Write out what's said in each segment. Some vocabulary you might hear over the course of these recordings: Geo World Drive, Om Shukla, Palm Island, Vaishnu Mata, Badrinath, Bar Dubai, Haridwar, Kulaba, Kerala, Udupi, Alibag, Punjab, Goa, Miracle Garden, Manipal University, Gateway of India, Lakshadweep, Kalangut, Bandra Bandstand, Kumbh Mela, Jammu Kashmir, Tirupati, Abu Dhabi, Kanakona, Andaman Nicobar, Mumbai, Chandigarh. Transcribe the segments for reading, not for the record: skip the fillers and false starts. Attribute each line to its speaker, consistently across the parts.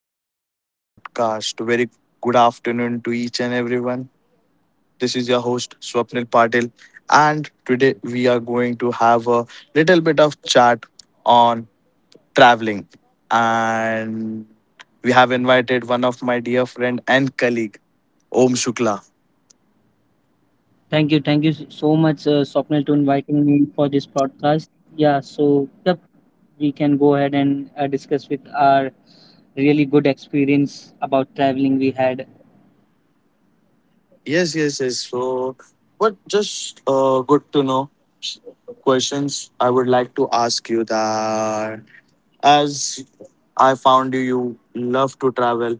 Speaker 1: Welcome to our podcast. Very good afternoon to each and everyone. This is your host Swapnil Patil, and today we are going to have a little bit of chat on traveling. And we have invited one of my dear friend and colleague, Om Shukla.
Speaker 2: Thank you, so much, Swapnil, to inviting me for this podcast. Yeah, so yep, we can go ahead and discuss with our really good experience about traveling we had.
Speaker 1: Yes, yes, yes. So, but just good to know questions I would like to ask you that as I found you, you love to travel.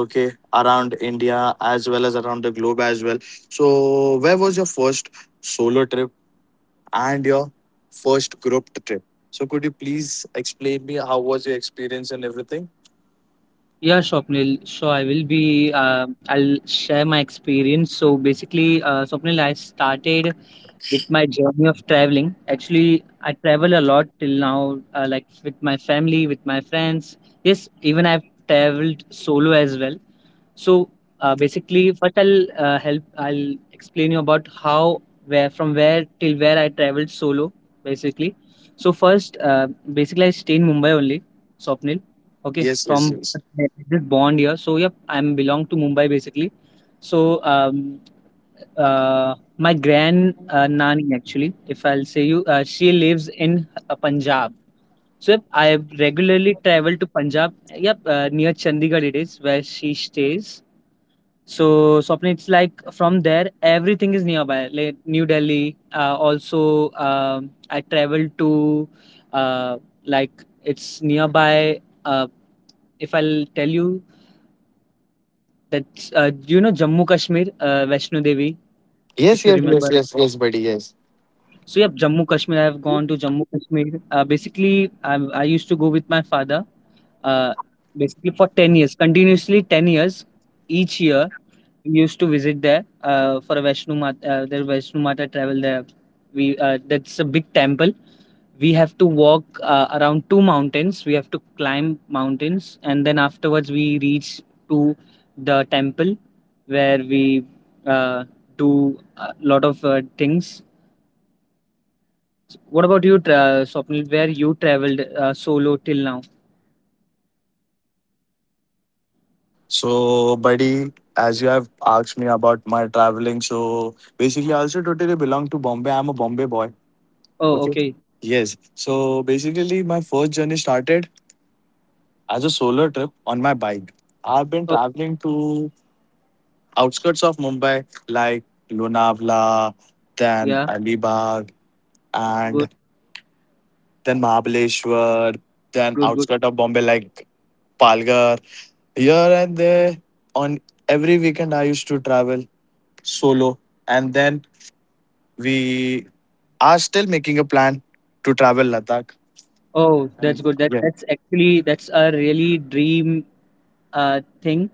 Speaker 1: Okay, around india as well as around the globe as well. So where was your first solo trip and your first group trip? So could you please explain me how was your experience and everything?
Speaker 2: Yeah, Swapnil, sure, I will be. I'll share my experience. So basically, Swapnil, I started with my journey of traveling. Actually, I travel a lot till now, like with my family, with my friends. Yes, even I've traveled solo as well. So, basically, first I'll help. I'll explain you about where, from where till where I traveled solo, basically. So first, basically, I stay in Mumbai only, Swapnil. Okay,
Speaker 1: Yes, yes,
Speaker 2: from
Speaker 1: yes.
Speaker 2: I just born here. So yep, I'm belong to Mumbai basically. So my grand nani actually, if I'll say you, she lives in Punjab. So yep, I regularly travel to Punjab. Yep, near Chandigarh it is where she stays. So Swapnil, it's like from there everything is nearby. Like New Delhi. Also, I traveled to uh, like it's nearby. Uh, if I'll tell you that do you know Jammu Kashmir, Vaishno Devi,
Speaker 1: Yes,
Speaker 2: if you
Speaker 1: yes, yes,
Speaker 2: remember.
Speaker 1: yes, yes, buddy. Yes.
Speaker 2: So yeah, Jammu Kashmir. I have gone to Jammu Kashmir. Basically, I used to go with my father. Uh, basically for 10 years, continuously 10 years each year we used to visit there for a the Vaishnu Mata travel there. We that's a big temple. We have to walk around two mountains. We have to climb mountains, and then afterwards we reach to the temple where we uh, do a lot of things. What about you, Swapnil? Where you traveled solo till now?
Speaker 1: So, buddy, as you have asked me about my traveling, so basically, I also totally belong to Bombay. I'm a Bombay boy.
Speaker 2: Oh,
Speaker 1: Okay.
Speaker 2: okay.
Speaker 1: Yes. So basically, my first journey started as a solo trip on my bike. I've been
Speaker 2: Oh,
Speaker 1: traveling to outskirts of Mumbai like Lonavala, then
Speaker 2: yeah.
Speaker 1: Alibag, and
Speaker 2: Good,
Speaker 1: then Mahabaleshwar, then
Speaker 2: good, good.
Speaker 1: outskirts of Bombay like Palgar. Here and there, on every weekend, I used to travel solo, and then we are still making a plan to travel Ladakh.
Speaker 2: Oh, that's
Speaker 1: And
Speaker 2: good. That
Speaker 1: yeah.
Speaker 2: that's actually that's a really dream thing.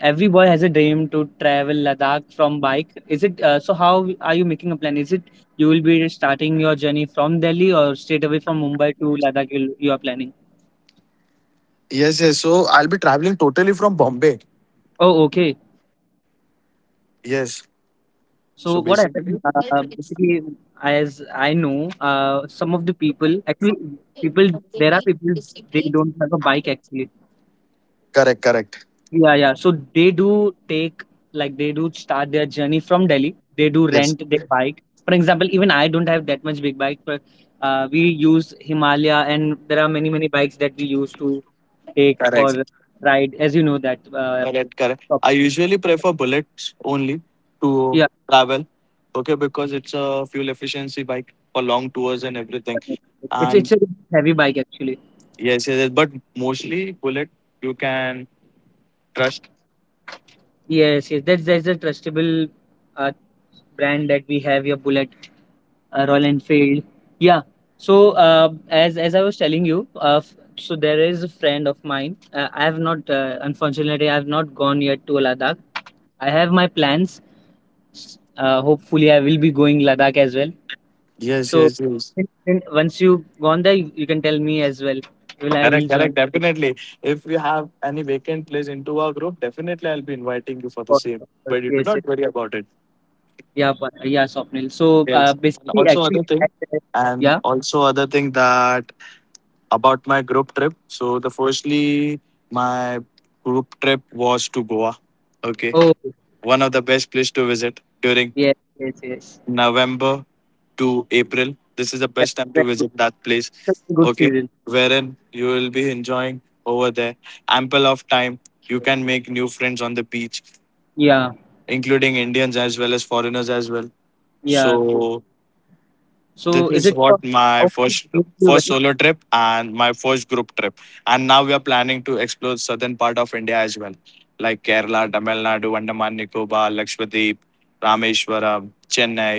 Speaker 2: Every boy has a dream to travel Ladakh from bike. Is it so? How are you making a plan? Is it you will be starting your journey from Delhi or straight away from Mumbai to Ladakh? You are planning.
Speaker 1: Yes, yes. So I'll be traveling totally from Bombay.
Speaker 2: Oh, okay.
Speaker 1: Yes. So
Speaker 2: So what
Speaker 1: basically,
Speaker 2: happened? Basically, as I know, some of the people actually people there are people they don't have a bike actually.
Speaker 1: correct, correct.
Speaker 2: Yeah, yeah. So they do take, like, they do start their journey from Delhi. They do
Speaker 1: Yes.
Speaker 2: rent their bike. For example, even I don't have that much big bike, but we use Himalaya, and there are many bikes that we use to take
Speaker 1: Correct.
Speaker 2: for ride. As you know that,
Speaker 1: Correct, correct.
Speaker 2: top-
Speaker 1: I usually prefer bullets only to
Speaker 2: yeah,
Speaker 1: travel. Okay, because it's a fuel efficiency bike for long tours and everything.
Speaker 2: it's
Speaker 1: And
Speaker 2: a heavy bike actually.
Speaker 1: yes, yes, yes. But mostly bullet you can trust.
Speaker 2: Yes, yes. That's a trustable uh, brand that we have here, Bullet. Royal Enfield. Yeah. So as I was telling you, so there is a friend of mine. I have not, unfortunately, I have not gone yet to Ladakh. I have my plans. S- hopefully, I will be going Ladakh as well.
Speaker 1: Yes,
Speaker 2: So
Speaker 1: yes, yes.
Speaker 2: then once you gone there, you can tell me as well. Will I will
Speaker 1: Correct,
Speaker 2: join
Speaker 1: correct,
Speaker 2: you
Speaker 1: definitely. If you have any vacant place into our group, definitely I'll be inviting you for the
Speaker 2: for-
Speaker 1: same.
Speaker 2: for
Speaker 1: But you do
Speaker 2: TSA.
Speaker 1: not worry about it.
Speaker 2: Yeah, but, Swapnil. So uh,
Speaker 1: Yes. And
Speaker 2: basically,
Speaker 1: also
Speaker 2: actually,
Speaker 1: other
Speaker 2: I-
Speaker 1: thing. And
Speaker 2: yeah.
Speaker 1: also other thing, that about my group trip. So the firstly, my group trip was to Goa. Okay,
Speaker 2: Oh,
Speaker 1: one of the best place to visit during
Speaker 2: yes, yes, yes.
Speaker 1: November to April. This is the
Speaker 2: That's
Speaker 1: best
Speaker 2: a
Speaker 1: time to
Speaker 2: very good,
Speaker 1: visit that place.
Speaker 2: that's a good
Speaker 1: Okay,
Speaker 2: season.
Speaker 1: wherein you will be enjoying over there ample of time. You can make new friends on the beach,
Speaker 2: Yeah.
Speaker 1: including Indians as well as foreigners as well.
Speaker 2: Yeah, okay.
Speaker 1: So this
Speaker 2: So is
Speaker 1: is
Speaker 2: it for
Speaker 1: what my
Speaker 2: how many
Speaker 1: first
Speaker 2: days you
Speaker 1: first
Speaker 2: went?
Speaker 1: solo trip and my first group trip, and now we are planning to explore southern part of india as well, like kerala, tamil nadu, andaman nicobar, lakshadweep, rameshwaram, chennai.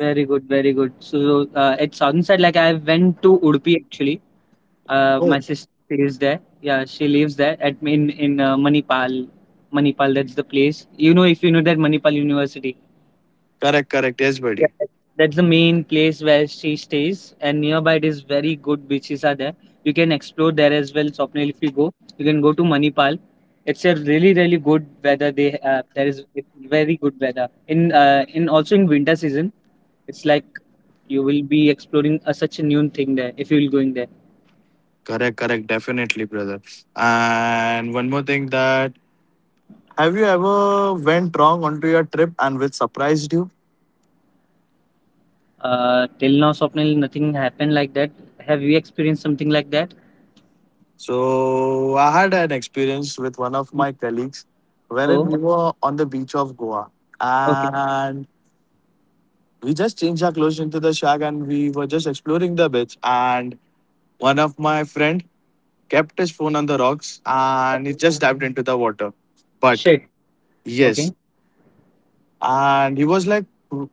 Speaker 2: Very good, very good. So at sunset, like I went to Udupi actually.
Speaker 1: Oh,
Speaker 2: My sister stays there. Yeah, she lives there at in Manipal. Manipal, that's the place. You know, if you know that Manipal University.
Speaker 1: correct, correct, yes, buddy.
Speaker 2: Yeah, that's the main place where she stays, and nearby it is very good beaches are there. You can explore there as well, Swapnil, if you go. You can go to Manipal. It's a really, really good weather. They there is very good weather in also in winter season. It's like you will be exploring such a new thing there if you will going there.
Speaker 1: Correct, correct, definitely, brother. And one more thing, that have you ever went wrong onto your trip and which surprised you?
Speaker 2: Till now, Swapnil, nothing happened like that. Have you experienced something like that?
Speaker 1: So I had an experience with one of my colleagues wherein
Speaker 2: Oh,
Speaker 1: we were on the beach of Goa,
Speaker 2: okay.
Speaker 1: and we just changed our clothes into the shag and we were just exploring the beach, and one of my friend kept his phone on the rocks and he
Speaker 2: Okay.
Speaker 1: just dived into the water. But
Speaker 2: Shit.
Speaker 1: yes,
Speaker 2: Okay,
Speaker 1: and he was like,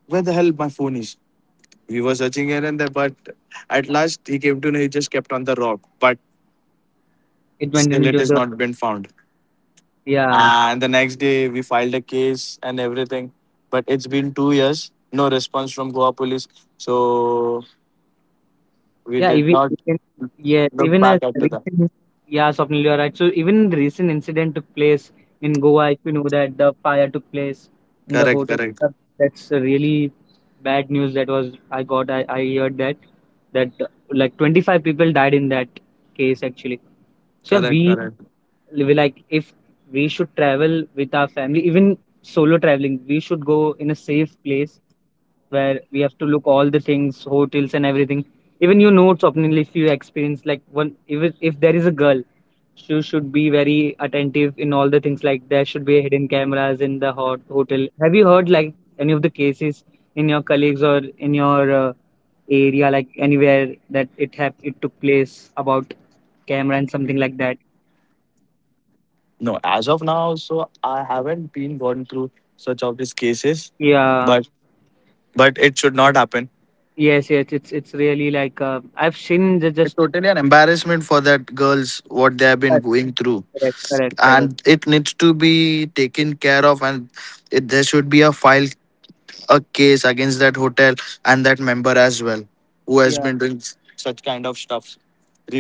Speaker 1: where the hell my phone is? We were searching here and there, but at last he came to know he just kept on the rock, but
Speaker 2: it went
Speaker 1: still it
Speaker 2: into
Speaker 1: has
Speaker 2: the
Speaker 1: not been found.
Speaker 2: yeah.
Speaker 1: Ah, and the next day, we filed a case and everything. But it's been 2 years, no response from Goa police. So we
Speaker 2: Yeah,
Speaker 1: did
Speaker 2: even
Speaker 1: not
Speaker 2: even yes,
Speaker 1: look
Speaker 2: even as
Speaker 1: back up to them.
Speaker 2: recent yeah, Swapnil, you are right. So even the recent incident took place in Goa. If you know that the fire took place in the
Speaker 1: Correct,
Speaker 2: hotel.
Speaker 1: correct,
Speaker 2: That's a really bad news. That was I got. I heard that that uh, like 25 people died in that case actually. So
Speaker 1: correct,
Speaker 2: we
Speaker 1: correct.
Speaker 2: like if we should travel with our family, even solo traveling we should go in a safe place where we have to look all the things, hotels and everything. Even you know Swapnil, if you experience like one if there is a girl, she should be very attentive in all the things, like there should be hidden cameras in the hotel. Have you heard like any of the cases in your colleagues or in your area, like anywhere that it it took place about camera and something like that?
Speaker 1: No, as of now, so I haven't been gone through such of these cases, but
Speaker 2: Yeah,
Speaker 1: but it should not happen.
Speaker 2: yes, yes, it's really like I've seen the
Speaker 1: It's
Speaker 2: just
Speaker 1: totally an embarrassment for that girls what they have been
Speaker 2: correct,
Speaker 1: going through,
Speaker 2: correct, correct, correct.
Speaker 1: and it needs to be taken care of, and it, there should be a file a case against that hotel and that member as well, who has
Speaker 2: Yeah,
Speaker 1: been doing such kind of stuff,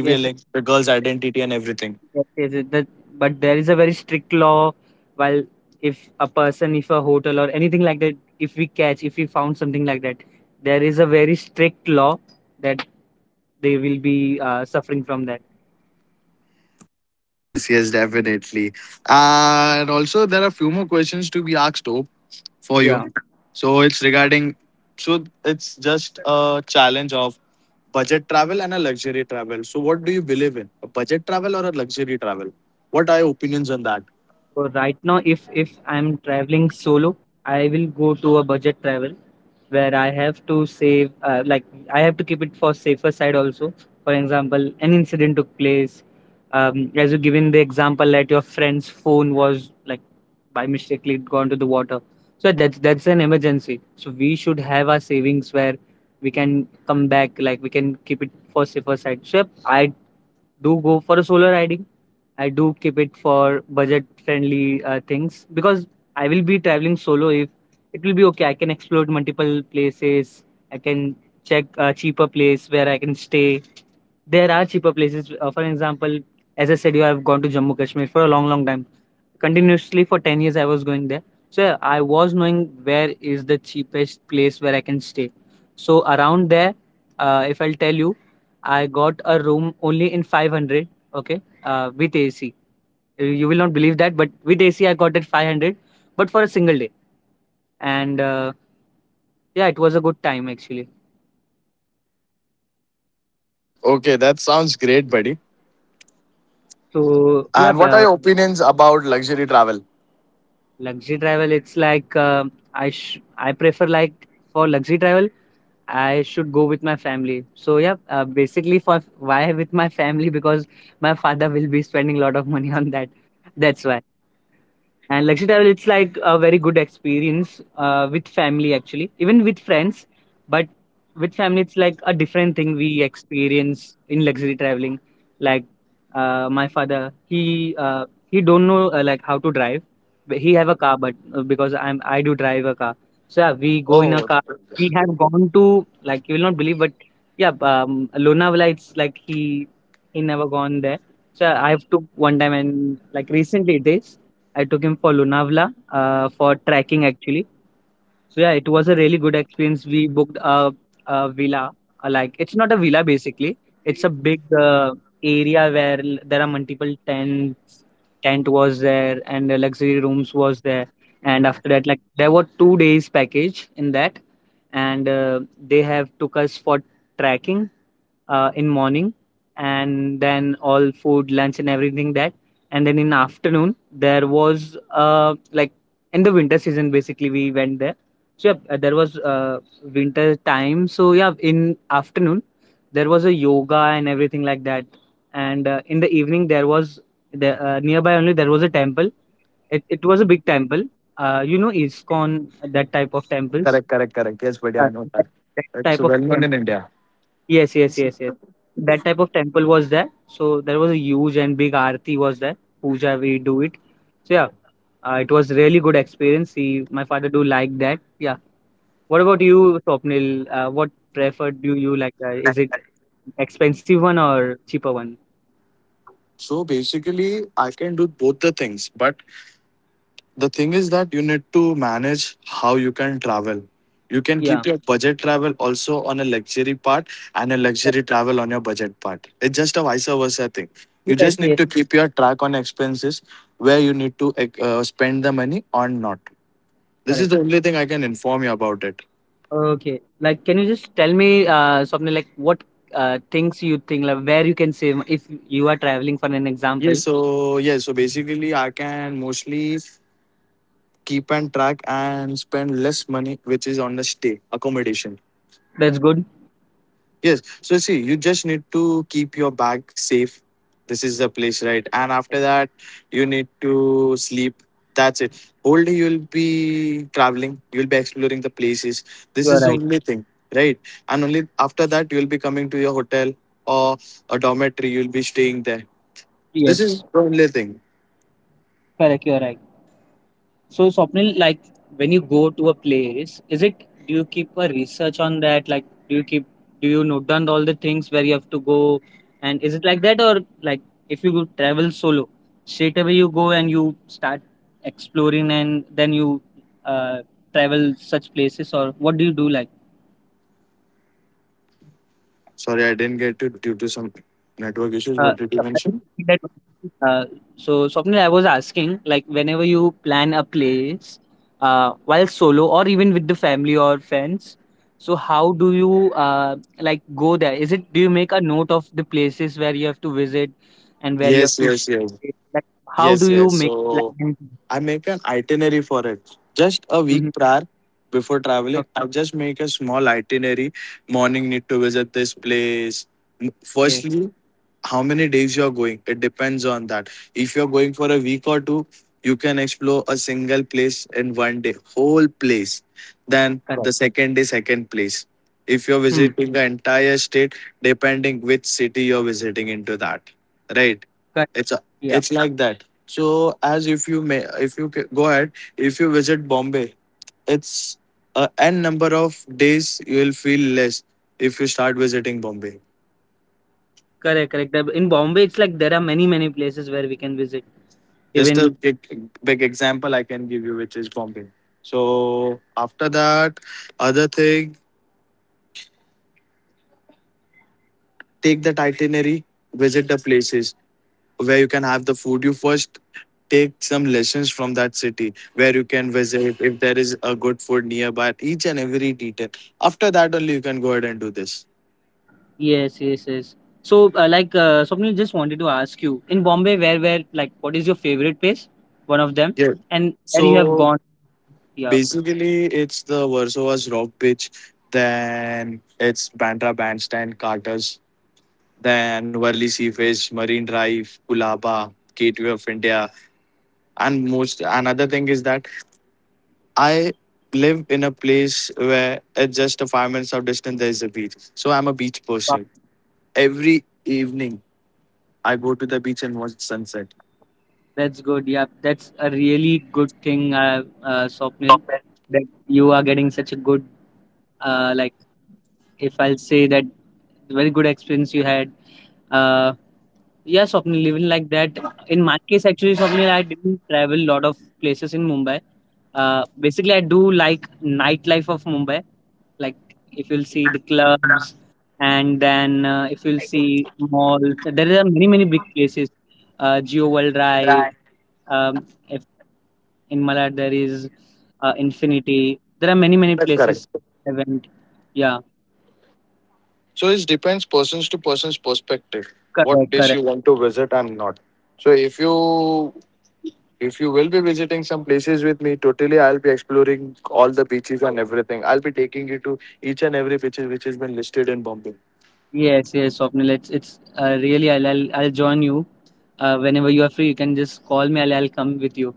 Speaker 2: yes,
Speaker 1: the girl's
Speaker 2: yes,
Speaker 1: identity and everything.
Speaker 2: yes, yes, that, but there is a very strict law. While if a person, if a hotel or anything like that, if we catch, if we found something like that, there is a very strict law that they will be suffering from that.
Speaker 1: Yes, yes, definitely. And also, there are few more questions to be asked, Hope, for you.
Speaker 2: Yeah.
Speaker 1: So it's regarding, so it's just a challenge of budget travel and a luxury travel. So what do you believe in, a budget travel or a luxury travel? What are your opinions on that?
Speaker 2: So right now, if I'm traveling solo, I will go to a budget travel where I have to save, like I have to keep it for safer side also. For example, an incident took place. As you given the example that your friend's phone was like by mistake it gone to the water. So that's an emergency. So we should have our savings where we can come back, like we can keep it for safer side. So I do go for a solo riding. I do keep it for budget friendly things because I will be traveling solo. If it will be okay, I can explore multiple places. I can check a cheaper place where I can stay. There are cheaper places. For example, as I said, you have gone to Jammu Kashmir for a long, long time continuously for 10 years I was going there. So I was knowing where is the cheapest place where I can stay. So around there, if I'll tell you, I got a room only in 500. Okay, with AC, you will not believe that, but with AC I got it 500, but for a single day. And yeah, it was a good time actually.
Speaker 1: Okay, that sounds great, buddy.
Speaker 2: So yeah
Speaker 1: And
Speaker 2: b-
Speaker 1: what are
Speaker 2: uh,
Speaker 1: your opinions about luxury travel?
Speaker 2: luxury travel, it's like I sh- I prefer like for luxury travel I should go with my family. So yeah, basically for why with my family because my father will be spending a lot of money on that. That's why. And luxury travel, it's like a very good experience with family, actually, even with friends. But with family, it's like a different thing we experience in luxury traveling. Like my father, he don't know like how to drive. But he have a car, but because I do drive a car, so yeah, we go in a
Speaker 1: Oh,
Speaker 2: car. We have gone to like you will not believe, but yeah, Lonavala. It's like he never gone there. So I have took one time and like recently it is. I took him for Lonavala for trekking actually. So yeah, it was a really good experience. We booked a villa. Uh, like it's not a villa basically. It's a big area where there are multiple tents. Tent was there and luxury rooms was there. And after that, like there were 2 days package in that, and they have took us for trekking in morning, and then all food lunch and everything that, and then in afternoon there was like in the winter season basically we went there. So yeah, there was winter time. So yeah, in afternoon there was a yoga and everything like that. And in the evening there was the nearby only there was a temple. It was a big temple, you know iskon that type of temples,
Speaker 1: correct, correct, correct. Yes, buddy, I
Speaker 2: uh,
Speaker 1: know
Speaker 2: that
Speaker 1: that.
Speaker 2: that
Speaker 1: It's
Speaker 2: type of.
Speaker 1: well known in India.
Speaker 2: Yes, yes, yes, yes. That type of temple was there. So there was a huge and big aarti was there. Puja we do it. So yeah, it was really good experience. He, my father do like that. Yeah. What about you, Swapnil? What preferred do you like? Is it expensive one or cheaper one?
Speaker 1: So basically, I can do both the things, but the thing is that you need to manage how you can travel. You can
Speaker 2: Yeah.
Speaker 1: keep your budget travel also on a luxury part, and a
Speaker 2: Uh,
Speaker 1: luxury travel on your budget part. It's just a vice versa thing. You
Speaker 2: yes,
Speaker 1: just need
Speaker 2: yes,
Speaker 1: to keep your track on expenses where you need to spend the money or not. This is
Speaker 2: correct.
Speaker 1: the only thing I can inform you about it.
Speaker 2: Okay. Like, can you just tell me, Swapnil, like what things you think, like where you can save if you are traveling for an
Speaker 1: Yeah,
Speaker 2: example?
Speaker 1: so yeah, so basically I can mostly keep and track and spend less money which is on the stay accommodation.
Speaker 2: That's good.
Speaker 1: Yes. So see, you just need to keep your bag safe. This is the place, right? And after that you need to sleep. That's it. Whole day you'll be traveling, you'll be exploring the places. This
Speaker 2: You are
Speaker 1: is the
Speaker 2: right.
Speaker 1: only thing, right? And only after that you'll be coming to your hotel or a dormitory, you'll be staying there. This is
Speaker 2: Yes.
Speaker 1: the only thing.
Speaker 2: Correct, you're right. So, Swapnil, like when you go to a place, is it do you keep a research on that? Like, do you keep do you note down all the things where you have to go, and is it like that, or like if you go travel solo, straight away you go and you start exploring, and then you uh, travel such places, or what do you do like?
Speaker 1: Sorry, I didn't get it due to some network issues. What did you mention?
Speaker 2: Surprising that uh, so Swapnil, I was asking, like whenever you plan a place, while solo or even with the family or friends, so how do you like go there? Is it do you make a note of the places where you have to visit and where you have
Speaker 1: Yes,
Speaker 2: to
Speaker 1: yes,
Speaker 2: stay?
Speaker 1: yes.
Speaker 2: Like how do
Speaker 1: Yes,
Speaker 2: you
Speaker 1: yes.
Speaker 2: make
Speaker 1: So
Speaker 2: plan?
Speaker 1: I make an itinerary for it. Just a week
Speaker 2: Hmm.
Speaker 1: prior before traveling,
Speaker 2: Okay,
Speaker 1: I just make a small itinerary. Morning need to visit this place.
Speaker 2: okay,
Speaker 1: Firstly, how many days you're going, it depends on that. If you're going for a week or two, you can explore a single place in one day whole place, then the
Speaker 2: correct.
Speaker 1: second day second place. If you're
Speaker 2: Hmm,
Speaker 1: visiting the entire state, depending which city you're visiting into that, right,
Speaker 2: correct.
Speaker 1: it's a,
Speaker 2: Yeah,
Speaker 1: it's like that. So as if you may, if you go ahead, if you visit bombay, it's a n number of days you will feel less if you start visiting bombay.
Speaker 2: correct, correct. In Bombay, it's like there are many, many places where we can visit,
Speaker 1: Just a
Speaker 2: even.
Speaker 1: big, big example I can give you, which is bombay. So after that, other thing, take that itinerary, visit the places where you can have the food. You first take some lessons from that city where you can visit, if there is a good food nearby, each and every detail. After that only you can go ahead and do this.
Speaker 2: Yes, yes, yes. So, Swapnil, just wanted to ask you in Bombay, like, what is your favorite place? One of them,
Speaker 1: Yeah,
Speaker 2: and where you have
Speaker 1: so
Speaker 2: gone? Yeah,
Speaker 1: basically it's the varsova's rock beach, then it's bandra bandstand carters, then Worli Sea, Marine Drive, Kulaba, Gateway of India. And most another thing is that I live in a place where at just a 5 minutes of distance there is a beach. So I'm a beach
Speaker 2: wow,
Speaker 1: person. Every evening I go to the beach and watch sunset.
Speaker 2: that's good. Yeah, that's a really good thing, Swapnil, that you are getting such a good, uh, like, if I'll say that very good experience you had. Uh, Yeah, Swapnil, living like that. In my case, actually, Swapnil, I didn't travel a lot of places in Mumbai. Basically, I do like nightlife of Mumbai. Like, if you'll see the clubs, and then if you'll see malls, there are many, many big places. Geo World Drive, um, if in Malad there is Infinity. There are many, many
Speaker 1: That's correct.
Speaker 2: places I went. Yeah,
Speaker 1: So it depends persons to persons perspective. What
Speaker 2: correct,
Speaker 1: place
Speaker 2: correct.
Speaker 1: you want to visit and not. So if you, if you will be visiting some places with me, totally I'll be exploring all the beaches and everything. I'll be taking you to each and every beaches which has been listed in Bombay.
Speaker 2: Yes, yes, Swapnil. It's really. I'll join you. Whenever you are free, you can just call me. I'll come with you.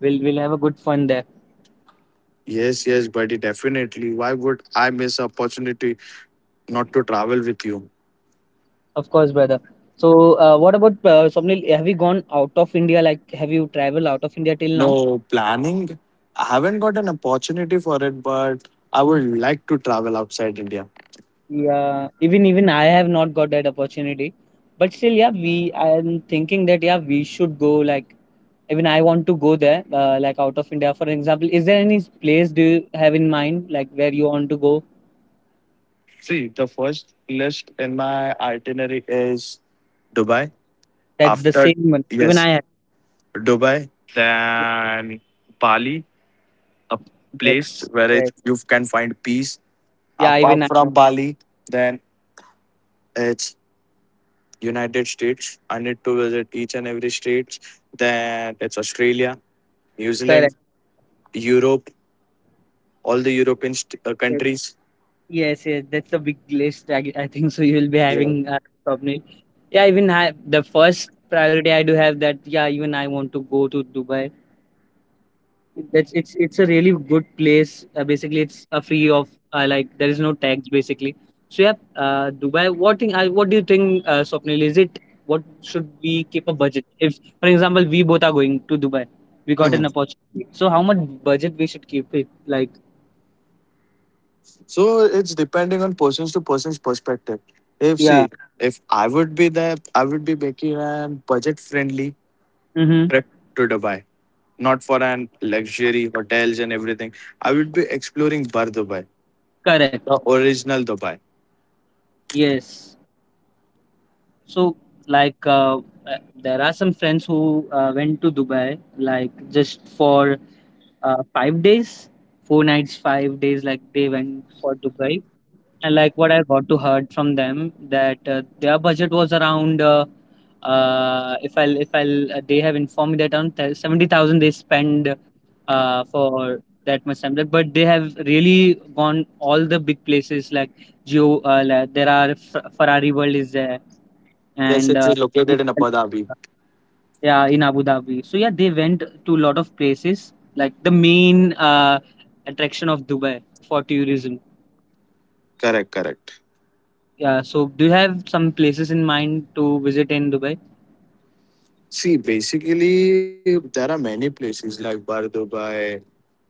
Speaker 2: We'll have a good fun there.
Speaker 1: Yes, yes, buddy, definitely. Why would I miss a opportunity not to travel with you?
Speaker 2: Of course, brother. So, what about Swapnil? Have you gone out of India? Like, have you traveled out of India till now?
Speaker 1: No planning. I haven't got an opportunity for it, but I
Speaker 2: Mm,
Speaker 1: would like to travel outside India.
Speaker 2: yeah, even I have not got that opportunity. But still, yeah, we. I'm thinking that yeah, we should go. Like, even I want to go there. Like out of India, for example. Is there any place do you have in mind? Like where you want to go?
Speaker 1: See, the first list in my itinerary is Dubai.
Speaker 2: That's the same
Speaker 1: After
Speaker 2: one. Even
Speaker 1: yes,
Speaker 2: I.
Speaker 1: Dubai, then Bali, a place
Speaker 2: That's
Speaker 1: where it,
Speaker 2: correct.
Speaker 1: you can find peace.
Speaker 2: Yeah, even
Speaker 1: Apart
Speaker 2: I know.
Speaker 1: from Bali, then it's United States. I need to visit each and every state. Then it's Australia, New
Speaker 2: Correct.
Speaker 1: Zealand, Europe, all the European
Speaker 2: Yes,
Speaker 1: countries.
Speaker 2: yes, yes, that's a big list. I think so. You will be
Speaker 1: Yeah.
Speaker 2: having probably. Yeah, even I, the first priority I do have that. Yeah, even I want to go to Dubai. That's it's a really good place. Basically, it's a free of like there is no tax basically. So yeah, Dubai. What thing? What do you think, Swapnil? Is it what should we keep a budget? If for example we both are going to Dubai, we got an
Speaker 1: Mhm.
Speaker 2: opportunity. So how much budget we should keep it like?
Speaker 1: So it's depending on person's to person's perspective. If
Speaker 2: Yeah.
Speaker 1: see, if I would be there, I would be making a budget friendly
Speaker 2: Mhm.
Speaker 1: trip to Dubai, not for an luxury hotels and everything. I would be exploring Bar Dubai.
Speaker 2: Correct.
Speaker 1: The original Dubai.
Speaker 2: Yes. So like there are some friends who went to Dubai like just for 5 days, 4 nights, 5 days like they went for Dubai. And like what I got to heard from them that their budget was around if I'll they have informed me that around 70,000 they spend for that much time. Like, but they have really gone all the big places like Geo. Like there are Ferrari World is there,
Speaker 1: Yes,
Speaker 2: and
Speaker 1: it's located in Abu Dhabi.
Speaker 2: yeah, in Abu Dhabi. So yeah, they went to a lot of places like the main attraction of Dubai for tourism.
Speaker 1: Correct, correct.
Speaker 2: Yeah. So do you have some places in mind to visit in Dubai?
Speaker 1: See, basically, there are many places like Bar Dubai,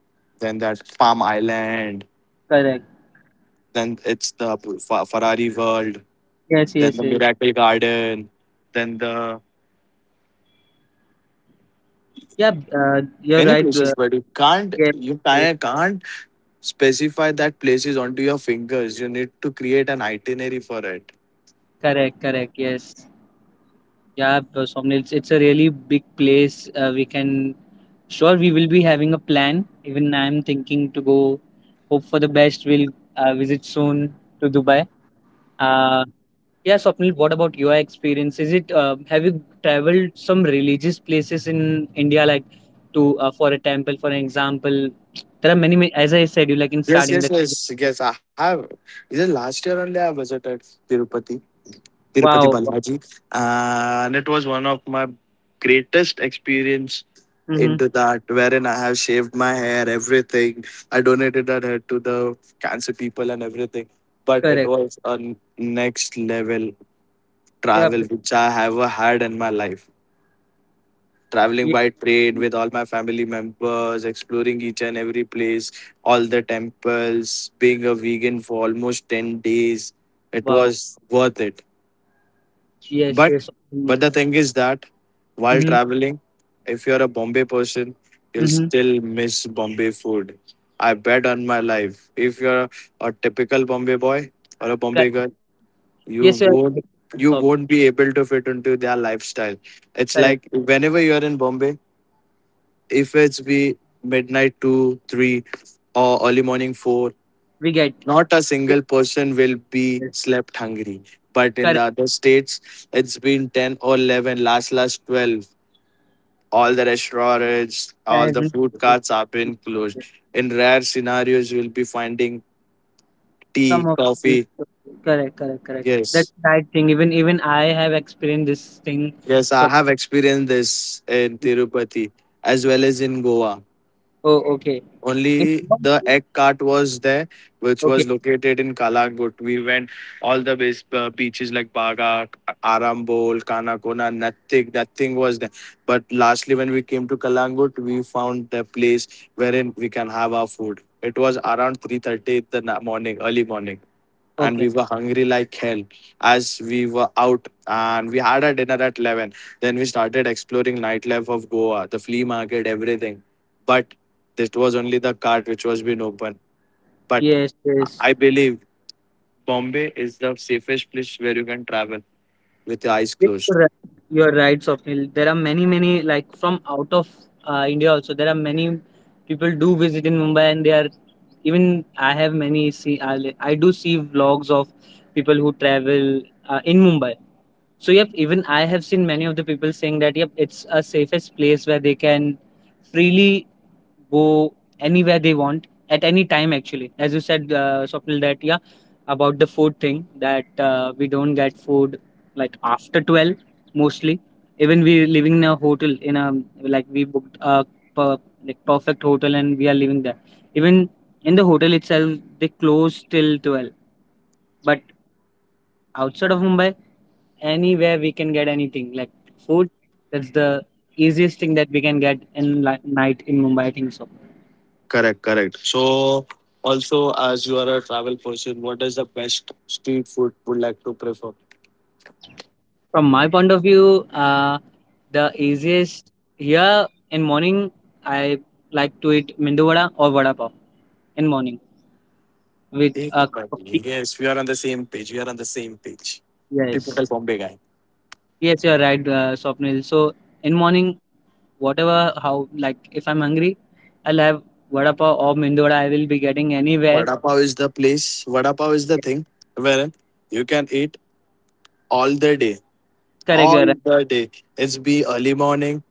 Speaker 1: then that Palm Island,
Speaker 2: Correct.
Speaker 1: then it's the Ferrari World,
Speaker 2: Yes.
Speaker 1: then
Speaker 2: Yes.
Speaker 1: the
Speaker 2: Yes.
Speaker 1: Miracle Garden, then the
Speaker 2: Yeah. You're
Speaker 1: many
Speaker 2: right.
Speaker 1: places, but you can't,
Speaker 2: Yes,
Speaker 1: you
Speaker 2: yes.
Speaker 1: can't specify that places onto your fingers. You need to create an itinerary for it.
Speaker 2: Correct. Correct. Yes. Yeah, Somni, it's a really big place. Sure, we will be having a plan. Even I'm thinking to go, hope for the best. We'll visit soon to Dubai. Uh, yeah, Swapnil, what about your experience? Is it, have you traveled some religious places in India, like to, for a temple, for an example? There are many, many, as I said, you like in
Speaker 1: Yes,
Speaker 2: starting that.
Speaker 1: yes, yes, yes. I have. Is it last year only I visited Tirupati? Tirupati
Speaker 2: Wow.
Speaker 1: Balaji, and it was one of my greatest experience
Speaker 2: Mm-hmm.
Speaker 1: into that, wherein I have shaved my hair, everything. I donated that hair to the cancer people and everything. But it
Speaker 2: Correct.
Speaker 1: was a next level
Speaker 2: Yeah.
Speaker 1: travel
Speaker 2: b-
Speaker 1: which I have had in my life. Traveling
Speaker 2: yeah.
Speaker 1: by train with all my family members, exploring each and every place, all the temples, being a vegan for almost 10 days. It
Speaker 2: Wow.
Speaker 1: was worth it.
Speaker 2: Yes,
Speaker 1: But
Speaker 2: yes. Mm-hmm.
Speaker 1: but the thing is that while traveling, if you're a Bombay person, you'll
Speaker 2: Mm-hmm.
Speaker 1: still miss Bombay food. I bet on my life. If you're a typical Bombay boy or a Bombay girl, you
Speaker 2: Yes, sir.
Speaker 1: won't, you
Speaker 2: So
Speaker 1: won't be able to fit into their lifestyle. It's
Speaker 2: correct.
Speaker 1: like whenever you're in Bombay, if it's be midnight two, three, or early morning four,
Speaker 2: We get
Speaker 1: not a
Speaker 2: yes,
Speaker 1: single person will be
Speaker 2: yes,
Speaker 1: slept hungry. But in the
Speaker 2: correct.
Speaker 1: other states, it's been 10 or 11, last 12. All the restaurants,
Speaker 2: I
Speaker 1: all the
Speaker 2: agree with
Speaker 1: food
Speaker 2: you.
Speaker 1: carts are been closed.
Speaker 2: Yes.
Speaker 1: In rare scenarios, you'll be finding tea,
Speaker 2: Some of it,
Speaker 1: coffee.
Speaker 2: correct, correct, correct. That's
Speaker 1: Yes.
Speaker 2: the right thing. Even even I have experienced this thing.
Speaker 1: Yes, I
Speaker 2: So
Speaker 1: have experienced this in Tirupati as well as in Goa.
Speaker 2: oh okay. It-
Speaker 1: Only the egg cart was there, which
Speaker 2: Okay,
Speaker 1: was located in Kalangut. We went all the base, beaches like Baga, Arambol, Kanakona, nothing was there. But lastly, when we came to Kalangut, we found the place wherein we can have our food. It was around 3:30 in the morning, early morning, and we
Speaker 2: okay.
Speaker 1: were hungry like hell as we were out and we had our dinner at 11. Then we started exploring nightlife of Goa, the flea market, everything. But this was only the cart which was being open. But
Speaker 2: Yes, yes.
Speaker 1: I believe Bombay is the safest place where you can travel with your eyes
Speaker 2: Yes,
Speaker 1: closed.
Speaker 2: you're right, you're right, Swapnil. There are many, many like from out of India also. There are many people do visit in Mumbai, and they are even I have many see I do see vlogs of people who travel in Mumbai. So yep, even I have seen many of the people saying that yep, it's a safest place where they can freely go anywhere they want at any time, actually, as you said, Swapnil, that yeah, about the food thing that we don't get food like after 12 mostly, even we living in a hotel in a like we booked a per, like perfect hotel and we are living there, even in the hotel itself they close till 12, but outside of Mumbai anywhere we can get anything like food. That's the easiest thing that we can get in night in Mumbai I think so.
Speaker 1: Correct, correct. So also, as you are a travel person, what is the best street food would like to prefer?
Speaker 2: From my point of view, the easiest here in morning, I like to eat mendu vada or vada pav in morning with a cup of tea.
Speaker 1: Yes, we are on the same page, we are on the same page.
Speaker 2: Yes,
Speaker 1: Typical Bombay guy.
Speaker 2: yes, you are right, Swapnil. So in morning, whatever how like if I'm hungry, I'll have vada pav or mendu vada. I will be getting anywhere.
Speaker 1: Vada Pav is the place. Vada Pav is the
Speaker 2: Yes,
Speaker 1: thing where you can eat all the day.
Speaker 2: correct, you are right.
Speaker 1: All the day. It's be early morning,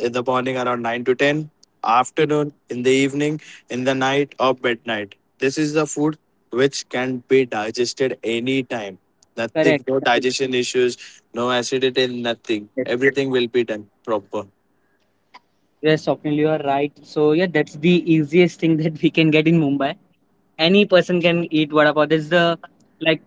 Speaker 1: in the morning around 9 to 10,
Speaker 2: Yes,
Speaker 1: afternoon, in the evening, in the night or midnight. This is the food which can be digested anytime. Nothing,
Speaker 2: correct,
Speaker 1: no
Speaker 2: correct.
Speaker 1: digestion issues, no acidity, nothing.
Speaker 2: Yes,
Speaker 1: Everything will be done proper.
Speaker 2: yes, Swapnil, you are right. So yeah, that's the easiest thing that we can get in Mumbai. Any person can eat vada pav. This the like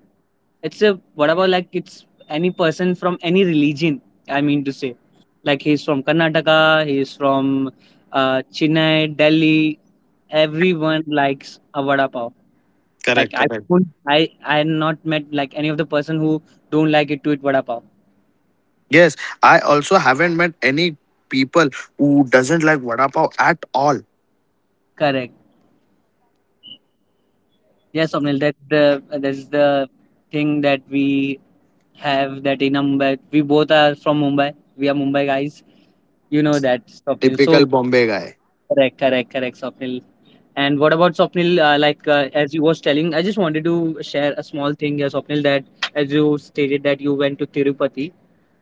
Speaker 2: it's a what about like it's any person from any religion. I mean to say, like he's from Karnataka, he's from Chennai, Delhi. Everyone likes a vada pav. Like
Speaker 1: Correct,
Speaker 2: I,
Speaker 1: correct.
Speaker 2: won't- I have not met like any of the person who don't like it to eat vada pav.
Speaker 1: Yes, I also haven't met any people who doesn't like vada pav at all.
Speaker 2: Correct. Yes, Somnil. That's the thing that we have that in Mumbai. We both are from Mumbai. We are Mumbai guys. You know that, Swapnil.
Speaker 1: Typical
Speaker 2: So
Speaker 1: Bombay guy.
Speaker 2: correct, correct, correct, Swapnil. And what about Swapnil? As you was telling, I just wanted to share a small thing, Swapnil. That as you stated that you went to Tirupati,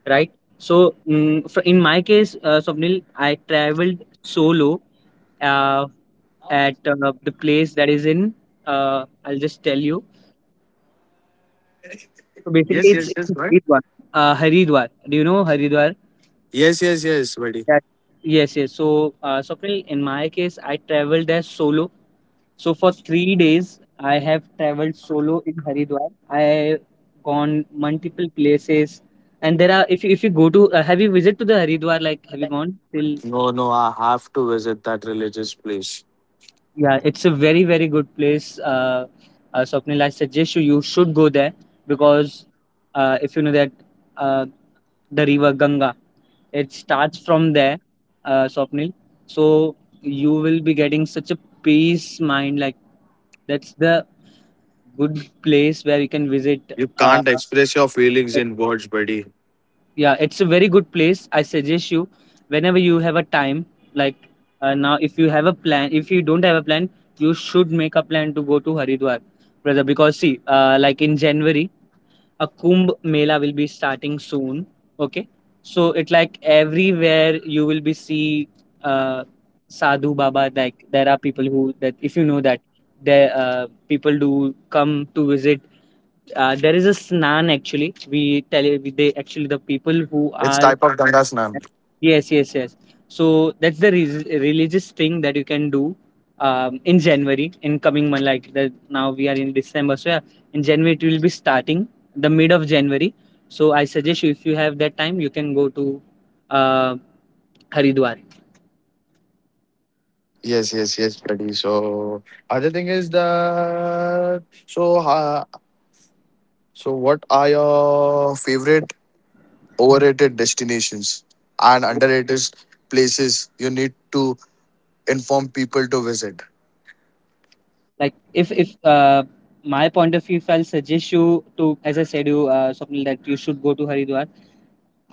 Speaker 2: right? So in my case, Swapnil, I traveled solo uh, at the place that is in. I'll just tell you. So
Speaker 1: Yes,
Speaker 2: basically,
Speaker 1: yes,
Speaker 2: it's
Speaker 1: yes, right?
Speaker 2: in Haridwar. Haridwar. Do you know Haridwar?
Speaker 1: Yes, yes, yes, buddy.
Speaker 2: That yes, yes. So Swapnil, in my case, I traveled there solo. So for 3 days, I have traveled solo in Haridwar. I have gone multiple places, and there are if you go to have you visited to the Haridwar? Like have you gone till?
Speaker 1: No, no, I have to visit that religious place.
Speaker 2: Yeah, it's a very very good place. Swapnil, I suggest you you should go there because if you know that uh, the river Ganga. It starts from there, Swapnil. So you will be getting such a peace mind. Like that's the good place where you can visit.
Speaker 1: You
Speaker 2: Uh,
Speaker 1: can't express your feelings in words, buddy.
Speaker 2: yeah, it's a very good place. I suggest you whenever you have a time. Like now, if you have a plan, if you don't have a plan, you should make a plan to go to Haridwar, brother. Because see, like in January, a Kumbh Mela will be starting soon. Okay, so it like everywhere you will be see uh, Sadhu Baba. Like there are people who that if you know that there people do come to visit there is a snan actually. They actually the people who
Speaker 1: It's
Speaker 2: are
Speaker 1: type of Ganga Snan.
Speaker 2: yes, yes, yes. So that's the religious thing that you can do in January in coming month like that. Now we are in December, so yeah, in January it will be starting the mid of January. So I suggest you if you have that time, you can go to uh, Haridwar.
Speaker 1: Yes, yes, yes, buddy. So other thing is that so what are your favorite overrated destinations and underrated places you need to inform people to visit?
Speaker 2: Like if my point of view if I'll suggest you to as I said you something that you should go to Haridwar.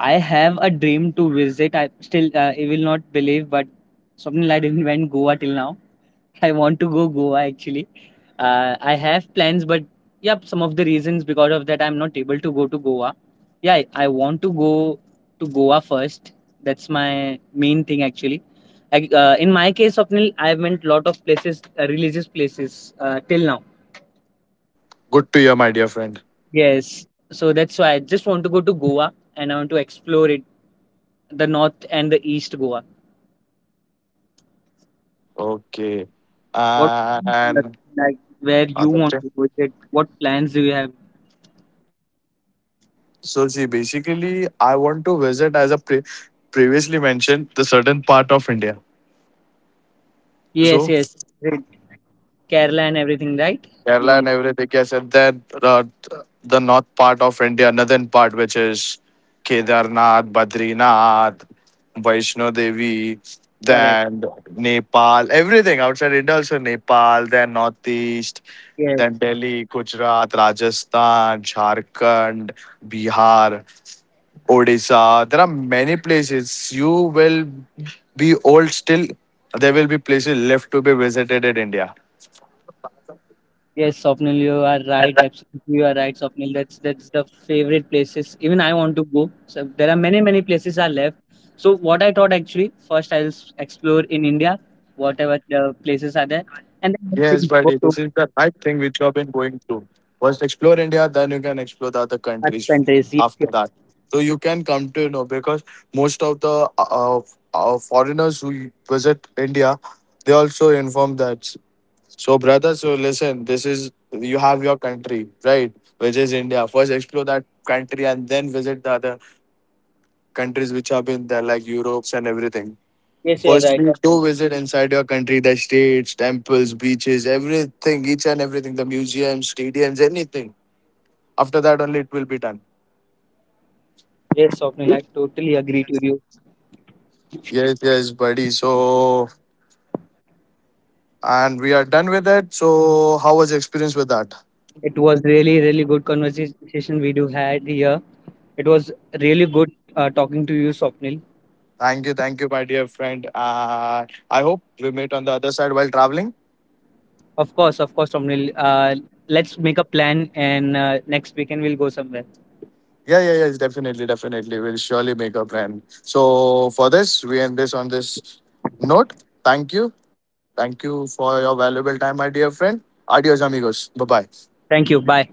Speaker 2: I have a dream to visit. I still, you will not believe, but Swapnil, I didn't went Goa till now. I want to go Goa actually. I have plans, but yep, some of the reasons because of that I'm not able to go to Goa. Yeah, I want to go to Goa first. That's my main thing actually. Like, in my case, Swapnil, I went lot of places, religious places till now.
Speaker 1: Good to hear, my dear friend.
Speaker 2: Yes, so that's why I just want to go to Goa and I want to explore it, the north and the east Goa.
Speaker 1: Okay.
Speaker 2: What
Speaker 1: And
Speaker 2: like where you want
Speaker 1: okay.
Speaker 2: to visit? What plans do you have?
Speaker 1: So see, basically, I want to visit as a previously mentioned the certain part of India.
Speaker 2: Yes,
Speaker 1: So
Speaker 2: yes. Great. Kerala and everything, right? You
Speaker 1: Kerala
Speaker 2: want
Speaker 1: and
Speaker 2: to
Speaker 1: everything. Yes, and then the north part of India, northern part, which is Kedarnath, Badrinath, Vaishno Devi,
Speaker 2: correct.
Speaker 1: then Nepal, everything outside India. Also Nepal, then northeast,
Speaker 2: Yes,
Speaker 1: then Delhi, Gujarat, Rajasthan, Jharkhand, Bihar. Odisha. There are many places. You will be old still. There will be places left to be visited in India.
Speaker 2: yes, Swapnil, you are right. Absolutely, you are right, Swapnil. That's the favorite places. Even I want to go. So there are many, many places are left. So what I thought actually, first I'll explore in India, whatever the places are there,
Speaker 1: Yes, buddy.
Speaker 2: and
Speaker 1: This
Speaker 2: then
Speaker 1: is
Speaker 2: I
Speaker 1: the
Speaker 2: think
Speaker 1: right
Speaker 2: go
Speaker 1: thing
Speaker 2: to
Speaker 1: which you have been going through. First, explore India, then you can explore the other countries
Speaker 2: other
Speaker 1: after
Speaker 2: countries.
Speaker 1: that. So you can come to know because most of the foreigners who visit India, they also inform that. So, brother, so listen, this is you have your country, right? Which is India. First, explore that country and then visit the other countries which have been there, like Europe's and everything.
Speaker 2: Yes, you're right.
Speaker 1: Firstly,
Speaker 2: Swapnil.
Speaker 1: do visit inside your country the states, temples, beaches, everything, each and everything, the museums, stadiums, anything. After that, only it will be done.
Speaker 2: Yes, Swapnil, I totally agree to you.
Speaker 1: Yes, yes, buddy. So, and we are done with it. So, how was your experience with that?
Speaker 2: It was really, really good conversation we do had here. It was really good talking to you, Swapnil.
Speaker 1: Thank you, my dear friend. I hope we meet on the other side while traveling.
Speaker 2: Of course, Swapnil. Let's make a plan and next weekend we'll go somewhere.
Speaker 1: Yeah, yeah, yes, definitely, definitely. We'll surely make a plan. So for this, we end this on this note. Thank you. Thank you for your valuable time, my dear friend. Adios, amigos. Bye bye.
Speaker 2: Thank you. Bye.